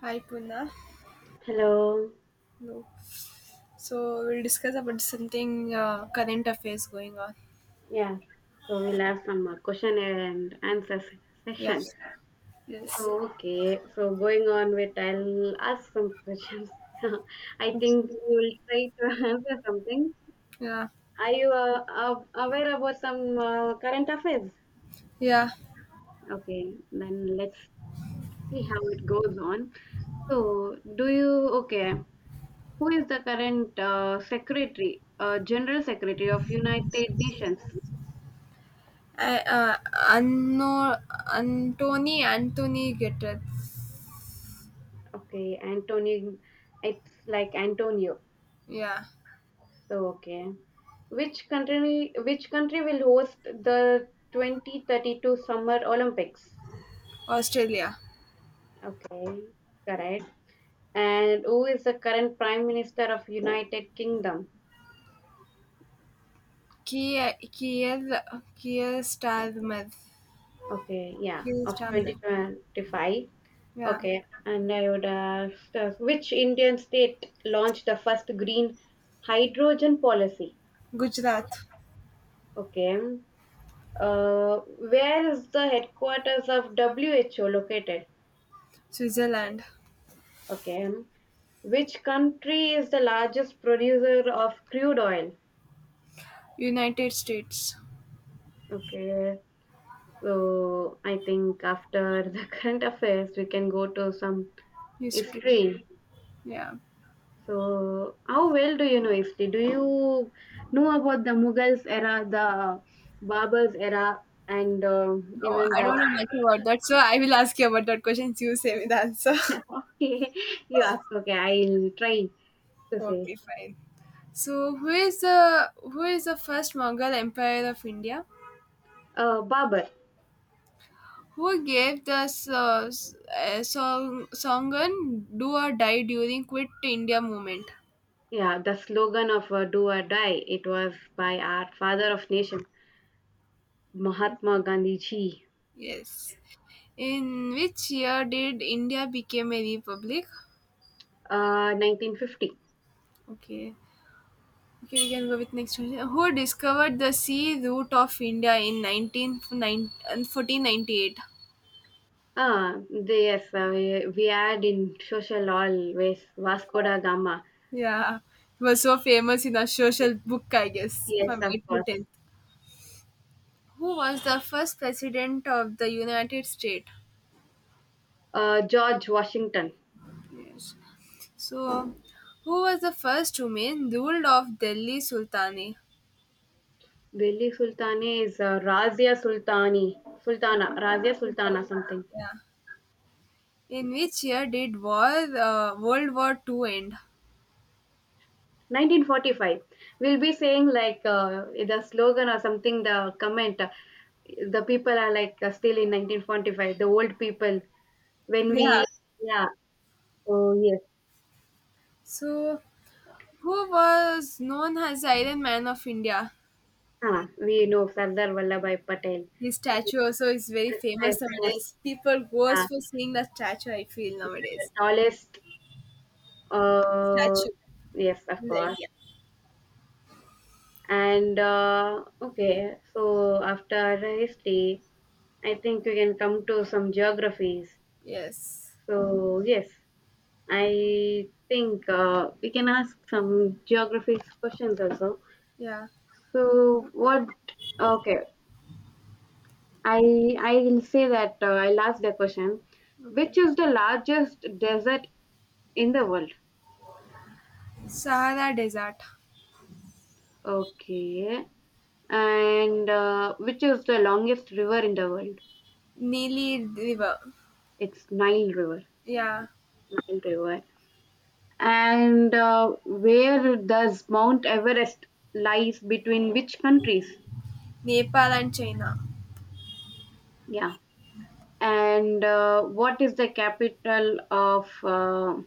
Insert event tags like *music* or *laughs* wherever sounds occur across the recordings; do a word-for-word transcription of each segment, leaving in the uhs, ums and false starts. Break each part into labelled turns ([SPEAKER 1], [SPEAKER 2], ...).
[SPEAKER 1] Hi Puna.
[SPEAKER 2] Hello.
[SPEAKER 1] No. So we'll discuss about something uh, current affairs going on.
[SPEAKER 2] Yeah. So we'll have some uh, question and answer se-
[SPEAKER 1] Yeah.
[SPEAKER 2] section.
[SPEAKER 1] Yes.
[SPEAKER 2] So okay. So going on with, I'll ask some questions. *laughs* I think you will try to *laughs* answer something.
[SPEAKER 1] Yeah.
[SPEAKER 2] Are you uh, uh, aware about some uh, current affairs?
[SPEAKER 1] Yeah.
[SPEAKER 2] Okay. Then let's see how it goes on. So do you okay? Who is the current uh, secretary, uh, general secretary of United Nations?
[SPEAKER 1] I, uh, Anno, Antony Anthony Gitter.
[SPEAKER 2] Okay, Antonio. It's like Antonio.
[SPEAKER 1] Yeah.
[SPEAKER 2] So okay. Which country? Which country will host the twenty thirty-two Summer Olympics?
[SPEAKER 1] Australia.
[SPEAKER 2] Okay, correct. And who is the current Prime Minister of United Kingdom?
[SPEAKER 1] Kier Kier Kier Starmer.
[SPEAKER 2] Okay, yeah,
[SPEAKER 1] Kier
[SPEAKER 2] of
[SPEAKER 1] Starmer.
[SPEAKER 2] twenty twenty-five.
[SPEAKER 1] Yeah.
[SPEAKER 2] Okay, and I would ask, uh, which Indian state launched the first green hydrogen policy?
[SPEAKER 1] Gujarat.
[SPEAKER 2] Okay. Uh, where is the headquarters of W H O located?
[SPEAKER 1] Switzerland.
[SPEAKER 2] Okay. Which country is the largest producer of crude oil?
[SPEAKER 1] United States.
[SPEAKER 2] Okay. So I think after the *laughs* current affairs, we can go to some
[SPEAKER 1] History.
[SPEAKER 2] history.
[SPEAKER 1] Yeah.
[SPEAKER 2] So how well do you know history? Do you know about the Mughals era, the Baburs era, and uh,
[SPEAKER 1] No,
[SPEAKER 2] even
[SPEAKER 1] I
[SPEAKER 2] that?
[SPEAKER 1] don't know
[SPEAKER 2] *laughs*
[SPEAKER 1] much about that, so I will ask you about that question. You say me the answer.
[SPEAKER 2] Okay, you ask. Okay, I'll try to
[SPEAKER 1] *laughs*
[SPEAKER 2] say.
[SPEAKER 1] Okay, fine. So, who is the who is the first Mughal Empire of India?
[SPEAKER 2] Uh, Babur.
[SPEAKER 1] Who gave the so, uh, song Songan "Do or Die" during Quit India movement?
[SPEAKER 2] Yeah, the slogan of uh, "Do or Die," it was by our father of nation, Mahatma Gandhi ji.
[SPEAKER 1] Yes. In which year did India became a republic?
[SPEAKER 2] Uh, nineteen fifty.
[SPEAKER 1] Okay. Okay, we can go with next question. Who discovered the sea route of India in nineteen fourteen ninety-eight?
[SPEAKER 2] Ah, the- yes, uh, we, we had in social always Vasco da Gama.
[SPEAKER 1] Yeah, he was so famous in the social book, I guess,
[SPEAKER 2] Yes,
[SPEAKER 1] from
[SPEAKER 2] of
[SPEAKER 1] eighth to
[SPEAKER 2] course.
[SPEAKER 1] tenth. Who was the first president of the United States?
[SPEAKER 2] Uh, George Washington.
[SPEAKER 1] Yes. So, who was the first woman ruled of Delhi Sultani?
[SPEAKER 2] Delhi Sultana is uh, Razia Sultani, Sultana, Razia Sultana,
[SPEAKER 1] Sultan-
[SPEAKER 2] something.
[SPEAKER 1] Yeah. In which year did war, uh, World War Two end?
[SPEAKER 2] nineteen forty-five, we'll be saying like uh, the slogan or something, the comment, uh, the people are like uh, still in nineteen forty-five, the old people when
[SPEAKER 1] Yeah.
[SPEAKER 2] we, yeah, oh yes,
[SPEAKER 1] So, who was known as the Iron Man of India?
[SPEAKER 2] uh, we know Sardar Vallabhai Patel.
[SPEAKER 1] His
[SPEAKER 2] He
[SPEAKER 1] statue also is very
[SPEAKER 2] was my
[SPEAKER 1] famous
[SPEAKER 2] famous,
[SPEAKER 1] nowadays. People goes
[SPEAKER 2] uh,
[SPEAKER 1] for seeing the statue. I feel
[SPEAKER 2] yeah, the
[SPEAKER 1] nowadays.
[SPEAKER 2] tallest, uh,
[SPEAKER 1] Statue
[SPEAKER 2] yes of
[SPEAKER 1] in the
[SPEAKER 2] course.
[SPEAKER 1] India.
[SPEAKER 2] And uh, okay, so after history I think we can come to some geographies.
[SPEAKER 1] Yes.
[SPEAKER 2] So yes, I think uh, we can ask some geography questions also.
[SPEAKER 1] Yeah.
[SPEAKER 2] So what? Okay, I I will say that uh, I'll ask the question.
[SPEAKER 1] Okay.
[SPEAKER 2] Which is the largest desert in the world?
[SPEAKER 1] Sahara Desert,
[SPEAKER 2] Okay, and uh, which is the longest river in the world?
[SPEAKER 1] Nili River.
[SPEAKER 2] It's Nile River.
[SPEAKER 1] Yeah.
[SPEAKER 2] Nile River. And uh, where does Mount Everest lies between which countries?
[SPEAKER 1] Nepal and China.
[SPEAKER 2] Yeah. And uh, what is the capital of uh,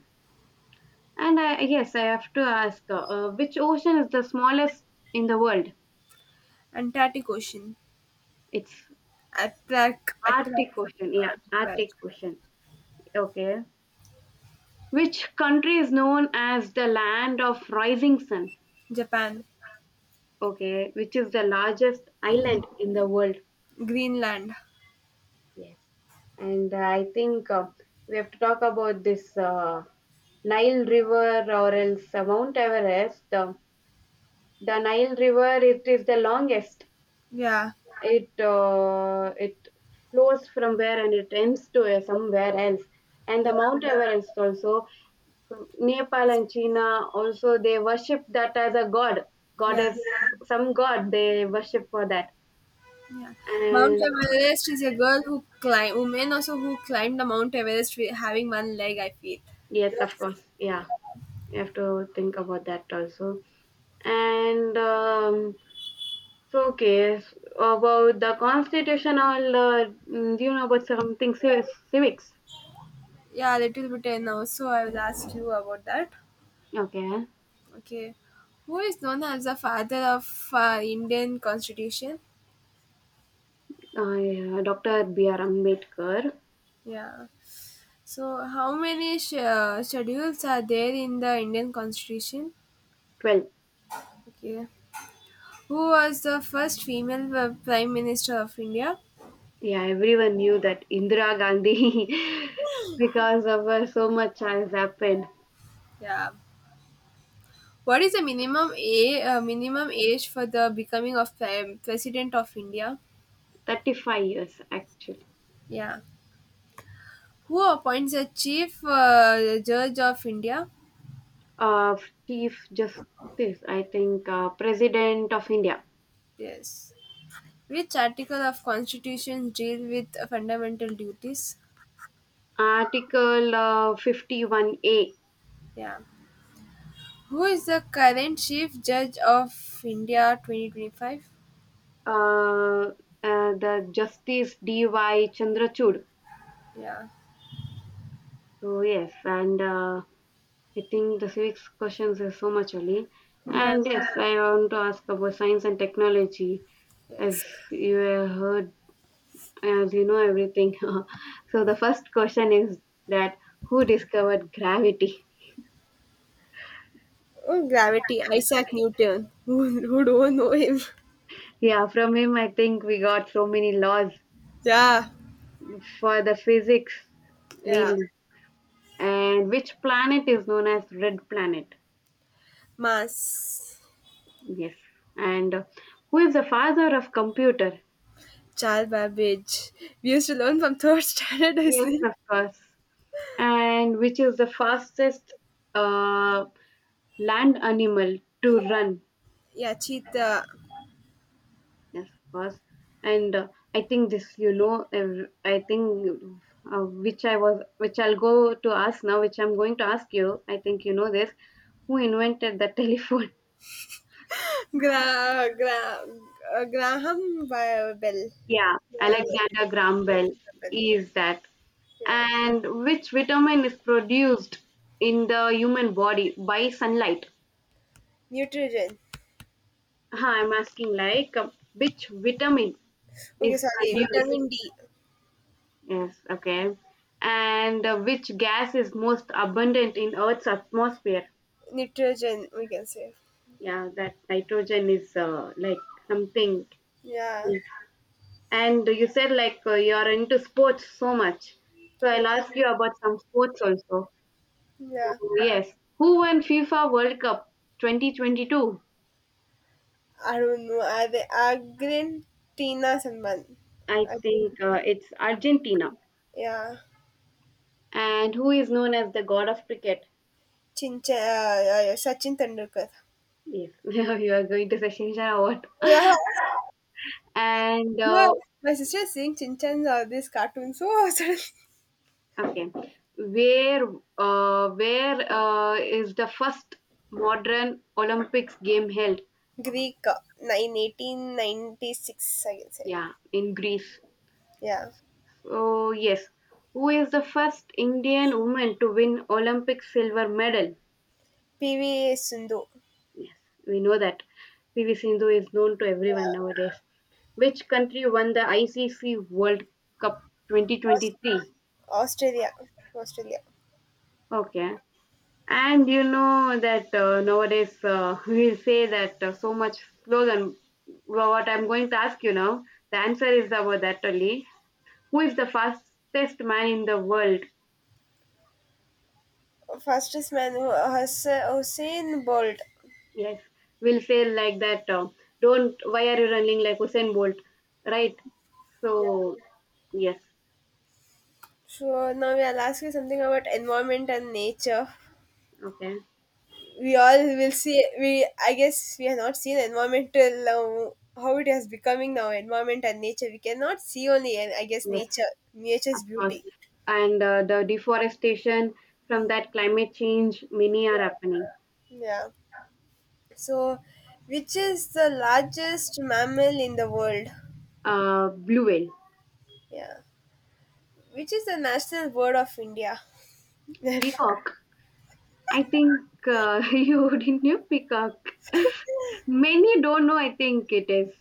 [SPEAKER 2] and I yes, I have to ask uh, uh, which ocean is the smallest in the world?
[SPEAKER 1] Antarctic Ocean.
[SPEAKER 2] It's
[SPEAKER 1] Attract. Attract.
[SPEAKER 2] arctic ocean, yeah, arctic
[SPEAKER 1] Attract.
[SPEAKER 2] ocean. Okay, which country is known as the land of rising sun?
[SPEAKER 1] Japan.
[SPEAKER 2] Okay, which is the largest island in the world?
[SPEAKER 1] Greenland.
[SPEAKER 2] Yes. And uh, I think uh, we have to talk about this uh, Nile River or else uh, Mount Everest. Uh, The Nile River, it is the longest.
[SPEAKER 1] Yeah.
[SPEAKER 2] It uh, it flows from where and it ends to uh, somewhere else. And the
[SPEAKER 1] Yeah.
[SPEAKER 2] Mount Everest also, from Nepal and China, also they worship that as a god,
[SPEAKER 1] Yeah.
[SPEAKER 2] goddess, some god they worship for that.
[SPEAKER 1] Yeah. Mount
[SPEAKER 2] And
[SPEAKER 1] Everest is a girl who climb woman also who climbed the Mount Everest wi- having one leg. I feel.
[SPEAKER 2] yes, of
[SPEAKER 1] Yes.
[SPEAKER 2] course, yeah, you have to think about that also. And um, so, okay, s- about the constitutional, uh, mm, do you know about something civ- civics?
[SPEAKER 1] Yeah, a little bit I know. So I will ask you about that.
[SPEAKER 2] Okay.
[SPEAKER 1] Okay. Who is known as the father of uh, Indian Constitution?
[SPEAKER 2] Uh, yeah, doctor B R. Ambedkar.
[SPEAKER 1] Yeah. So, how many sh- uh, schedules are there in the Indian Constitution?
[SPEAKER 2] Well,
[SPEAKER 1] Okay. Who was the first female uh, Prime Minister of India?
[SPEAKER 2] yeah, everyone knew that Indira Gandhi, *laughs* because of her so much has happened.
[SPEAKER 1] Yeah. What is the minimum a uh, minimum age for the becoming of prime President of India?
[SPEAKER 2] thirty-five years actually.
[SPEAKER 1] Yeah. Who appoints the Chief uh, Judge of India?
[SPEAKER 2] Uh, Chief Justice, I think, uh, President of India.
[SPEAKER 1] Yes. Which article of constitution deal with fundamental duties?
[SPEAKER 2] Article uh, fifty-one A,
[SPEAKER 1] Yeah. Who is the current chief judge of India twenty twenty-five?
[SPEAKER 2] uh, uh, the Justice D Y. Chandrachud.
[SPEAKER 1] Yeah.
[SPEAKER 2] So, yes, and uh, I think the civics questions is so much early.
[SPEAKER 1] Yeah.
[SPEAKER 2] And yes, I want to ask about science and technology, as
[SPEAKER 1] Yes.
[SPEAKER 2] you have heard, as you know everything. *laughs* So the first question is that, who discovered gravity? *laughs*
[SPEAKER 1] Oh, gravity. Isaac Newton. Who, who don't know him?
[SPEAKER 2] Yeah, from him I think we got so many laws
[SPEAKER 1] Yeah.
[SPEAKER 2] for the physics
[SPEAKER 1] Yeah.
[SPEAKER 2] mainly. And which planet is known as red planet?
[SPEAKER 1] Mass.
[SPEAKER 2] Yes. And uh, who is the father of computer?
[SPEAKER 1] Charles Babbage. We used to learn from third *laughs* standard,
[SPEAKER 2] Yes,
[SPEAKER 1] isn't it?
[SPEAKER 2] of course. And which is the fastest uh, land animal to run.
[SPEAKER 1] Yeah, Cheetah.
[SPEAKER 2] Yes, of course. And uh, I think this, you know, ev- I think uh, which I was, which I'll go to ask now, which I'm going to ask you. I think you know this. Who invented the telephone? *laughs*
[SPEAKER 1] Gra, gra, uh, Graham Bell.
[SPEAKER 2] Yeah,
[SPEAKER 1] Graham Bell.
[SPEAKER 2] Alexander Graham Bell
[SPEAKER 1] Bell.
[SPEAKER 2] is that.
[SPEAKER 1] Yeah.
[SPEAKER 2] And which vitamin is produced in the human body by sunlight?
[SPEAKER 1] Nitrogen.
[SPEAKER 2] Huh, I'm asking like uh, which vitamin
[SPEAKER 1] Okay,
[SPEAKER 2] is
[SPEAKER 1] sorry.
[SPEAKER 2] produced?
[SPEAKER 1] Vitamin D.
[SPEAKER 2] Yes, okay. And uh, which gas is most abundant in Earth's atmosphere?
[SPEAKER 1] Nitrogen, we can say.
[SPEAKER 2] Yeah, that nitrogen is uh, like something.
[SPEAKER 1] Yeah.
[SPEAKER 2] And you said like uh, you're into sports so much. So I'll
[SPEAKER 1] Yeah.
[SPEAKER 2] ask you about some sports also. So,
[SPEAKER 1] Yeah.
[SPEAKER 2] yes. Who won FIFA World Cup twenty twenty-two?
[SPEAKER 1] I don't know. Are they Argentina Salman?
[SPEAKER 2] I
[SPEAKER 1] Argentina.
[SPEAKER 2] think uh, it's Argentina.
[SPEAKER 1] Yeah.
[SPEAKER 2] And who is known as the god of cricket?
[SPEAKER 1] Chinchan. Uh, yeah, yeah. Sachin Tendulkar.
[SPEAKER 2] Yes, *laughs* you are going to session or what?
[SPEAKER 1] Yeah.
[SPEAKER 2] And uh,
[SPEAKER 1] No, my sister is seeing Chinchan or this cartoon. So *laughs* suddenly.
[SPEAKER 2] okay, where uh, where uh, is the first modern Olympics game held?
[SPEAKER 1] Greek. uh, In eighteen ninety-six, I can say.
[SPEAKER 2] Yeah, in Greece.
[SPEAKER 1] Yeah.
[SPEAKER 2] So yes, who is the first Indian woman to win Olympic silver medal?
[SPEAKER 1] P V Sindhu.
[SPEAKER 2] Yes, we know that P V Sindhu is known to everyone
[SPEAKER 1] Yeah.
[SPEAKER 2] nowadays. Which country won the I C C World Cup
[SPEAKER 1] Aus-
[SPEAKER 2] twenty twenty-three?
[SPEAKER 1] Australia. Australia.
[SPEAKER 2] Okay. And you know that uh, nowadays uh, *laughs* we say that uh, so much slogan. Well, what I'm going to ask you now, the answer is about that only. Who is the fastest man in the world?
[SPEAKER 1] Fastest man Hu- Hus- Hussein Bolt.
[SPEAKER 2] Yes, we'll say like that. Uh, don't. Why are you running like Usain Bolt? Right.
[SPEAKER 1] Yeah.
[SPEAKER 2] So yes.
[SPEAKER 1] So now we will ask you something about environment and nature.
[SPEAKER 2] Okay.
[SPEAKER 1] We all will see. We I guess we have not seen environmental uh, how it has becoming now. Environment and nature. We cannot see only. uh, I guess
[SPEAKER 2] Yes.
[SPEAKER 1] nature,
[SPEAKER 2] Of
[SPEAKER 1] nature's
[SPEAKER 2] course.
[SPEAKER 1] beauty.
[SPEAKER 2] And uh, the deforestation, from that climate change, many are happening.
[SPEAKER 1] Yeah. So, which is the largest mammal in the world?
[SPEAKER 2] Uh, blue whale,
[SPEAKER 1] Yeah. Which is the national bird of India? *laughs*
[SPEAKER 2] peacock. I think uh, *laughs* you didn't know peacock. *laughs* Many don't know. I think it is.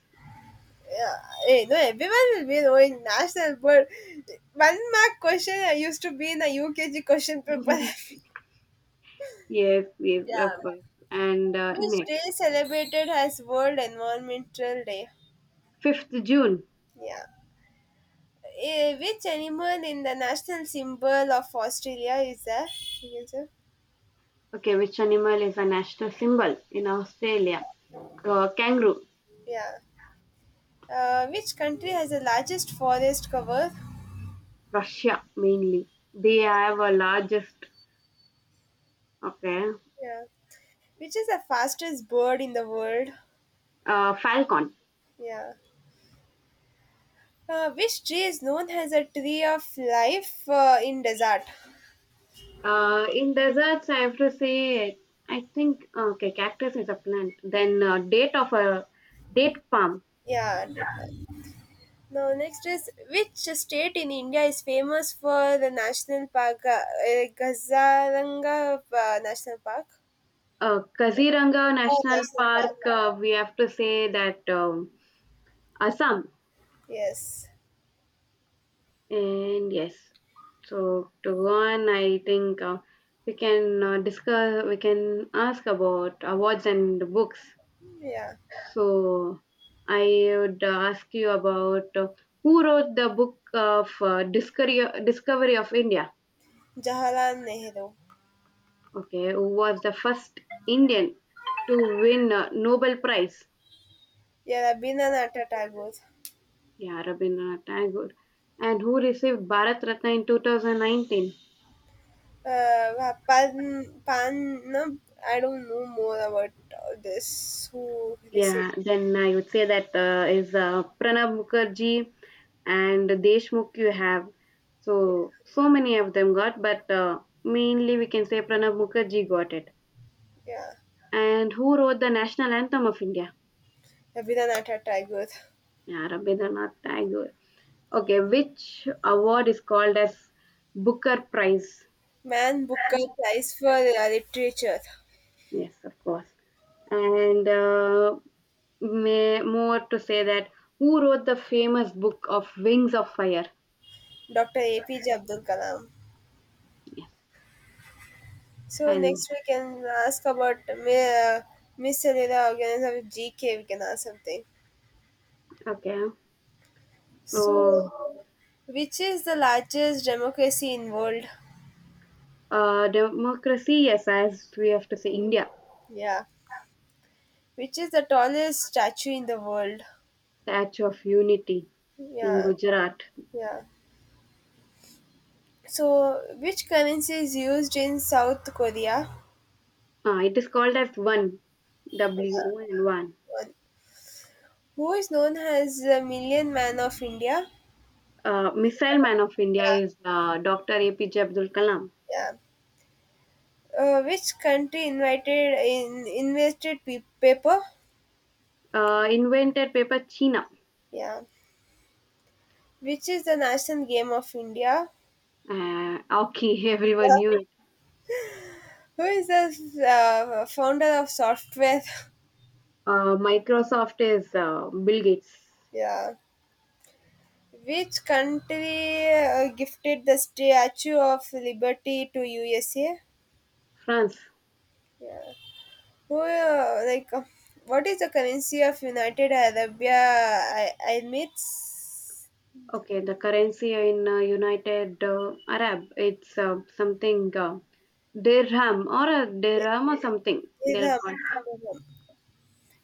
[SPEAKER 1] Yeah, eh, no, everyone will be knowing national, but one mark question I used to be in the U K G question paper. *laughs*
[SPEAKER 2] Yes, yes, of
[SPEAKER 1] Yeah,
[SPEAKER 2] course. And uh,
[SPEAKER 1] which
[SPEAKER 2] next,
[SPEAKER 1] day celebrated as World Environmental Day?
[SPEAKER 2] fifth June.
[SPEAKER 1] Yeah, eh, which animal in the national symbol of Australia is there? You can say.
[SPEAKER 2] Okay, which animal is a national symbol in Australia? Uh, kangaroo.
[SPEAKER 1] Yeah, uh, which country has the largest forest cover?
[SPEAKER 2] Russia mainly. They
[SPEAKER 1] Yeah,
[SPEAKER 2] have a largest. Okay,
[SPEAKER 1] yeah, which is the fastest bird in the world?
[SPEAKER 2] uh, falcon.
[SPEAKER 1] Yeah. Uh, which tree is known as a tree of life uh, in desert?
[SPEAKER 2] Uh, in deserts, I have to say. I think okay, cactus is a plant. Then uh, date of a date palm.
[SPEAKER 1] Yeah. Definitely. Now next is which state in India is famous for the national park, uh, uh, Gazaranga uh, National Park?
[SPEAKER 2] Uh, Kaziranga
[SPEAKER 1] Gazaranga
[SPEAKER 2] National
[SPEAKER 1] National Park.
[SPEAKER 2] Park, uh, we have to say that um, Assam.
[SPEAKER 1] Yes.
[SPEAKER 2] And yes, so to go on, I think uh, we can uh, discuss, we can ask about awards and books.
[SPEAKER 1] Yeah.
[SPEAKER 2] So I would ask you about uh, who wrote the book of uh, Discovery, Discovery of India?
[SPEAKER 1] Jawaharlal Nehru.
[SPEAKER 2] Okay, who was the first Indian to win a Nobel Prize?
[SPEAKER 1] Yeah, Rabindranath Tagore.
[SPEAKER 2] Yeah, Rabindranath Tagore, and who received Bharat Ratna in two thousand nineteen.
[SPEAKER 1] Uh, Pan, Pan, no, I don't know more about uh, this. Who received?
[SPEAKER 2] Yeah, then I would say that uh, is uh, Pranab Mukherjee and Deshmukh you have. So, so many of them got, but uh, mainly we can say Pranab Mukherjee got it.
[SPEAKER 1] Yeah,
[SPEAKER 2] And who wrote the national anthem of India?
[SPEAKER 1] Rabindranath Tagore.
[SPEAKER 2] Yeah, Rabindranath Tagore. Okay, which award is called as Booker Prize?
[SPEAKER 1] Man Booker Prize for uh, Literature.
[SPEAKER 2] Yes, of course. And uh, may more to say that, who wrote the famous book of Wings of Fire?
[SPEAKER 1] Doctor A P J Abdul Kalam.
[SPEAKER 2] Yes,
[SPEAKER 1] So
[SPEAKER 2] and
[SPEAKER 1] next we can ask about uh, Miss Cellular Organism of G K. We can ask something.
[SPEAKER 2] okay, so
[SPEAKER 1] So, which is the largest democracy in world?
[SPEAKER 2] uh, democracy. Yes, as we have to say, India.
[SPEAKER 1] Yeah. Which is the tallest statue in the world?
[SPEAKER 2] Statue of Unity in
[SPEAKER 1] Yeah.
[SPEAKER 2] Gujarat.
[SPEAKER 1] Yeah. So, which currency is used in South Korea?
[SPEAKER 2] Uh, it is called as one W
[SPEAKER 1] Yeah.
[SPEAKER 2] O N one.
[SPEAKER 1] Who is known as the Million Man of India?
[SPEAKER 2] Uh, Missile Man of India
[SPEAKER 1] Yeah.
[SPEAKER 2] is uh, doctor A P J Abdul Kalam.
[SPEAKER 1] Yeah. Uh, which country invited in invested pe- paper?
[SPEAKER 2] Uh, invented paper, China.
[SPEAKER 1] Yeah. Which is the national game of India?
[SPEAKER 2] Uh, okay, *laughs* everyone
[SPEAKER 1] Yeah.
[SPEAKER 2] knew it.
[SPEAKER 1] Who is the uh, founder of software?
[SPEAKER 2] Uh, Microsoft is uh, Bill Gates.
[SPEAKER 1] *laughs* Yeah. Which country uh, gifted the Statue of Liberty to U S A?
[SPEAKER 2] France.
[SPEAKER 1] Yeah. Who uh, like uh, What is the currency of United Arab Emirates?
[SPEAKER 2] Okay, the currency in uh, United uh, Arab, it's uh, something uh, dirham or a dirham or something they'll
[SPEAKER 1] Dirham.
[SPEAKER 2] call it.
[SPEAKER 1] Dirham.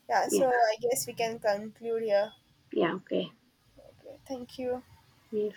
[SPEAKER 1] Yeah,
[SPEAKER 2] Yeah,
[SPEAKER 1] so I guess we can conclude here.
[SPEAKER 2] yeah, okay.
[SPEAKER 1] Okay, thank you.
[SPEAKER 2] Yes.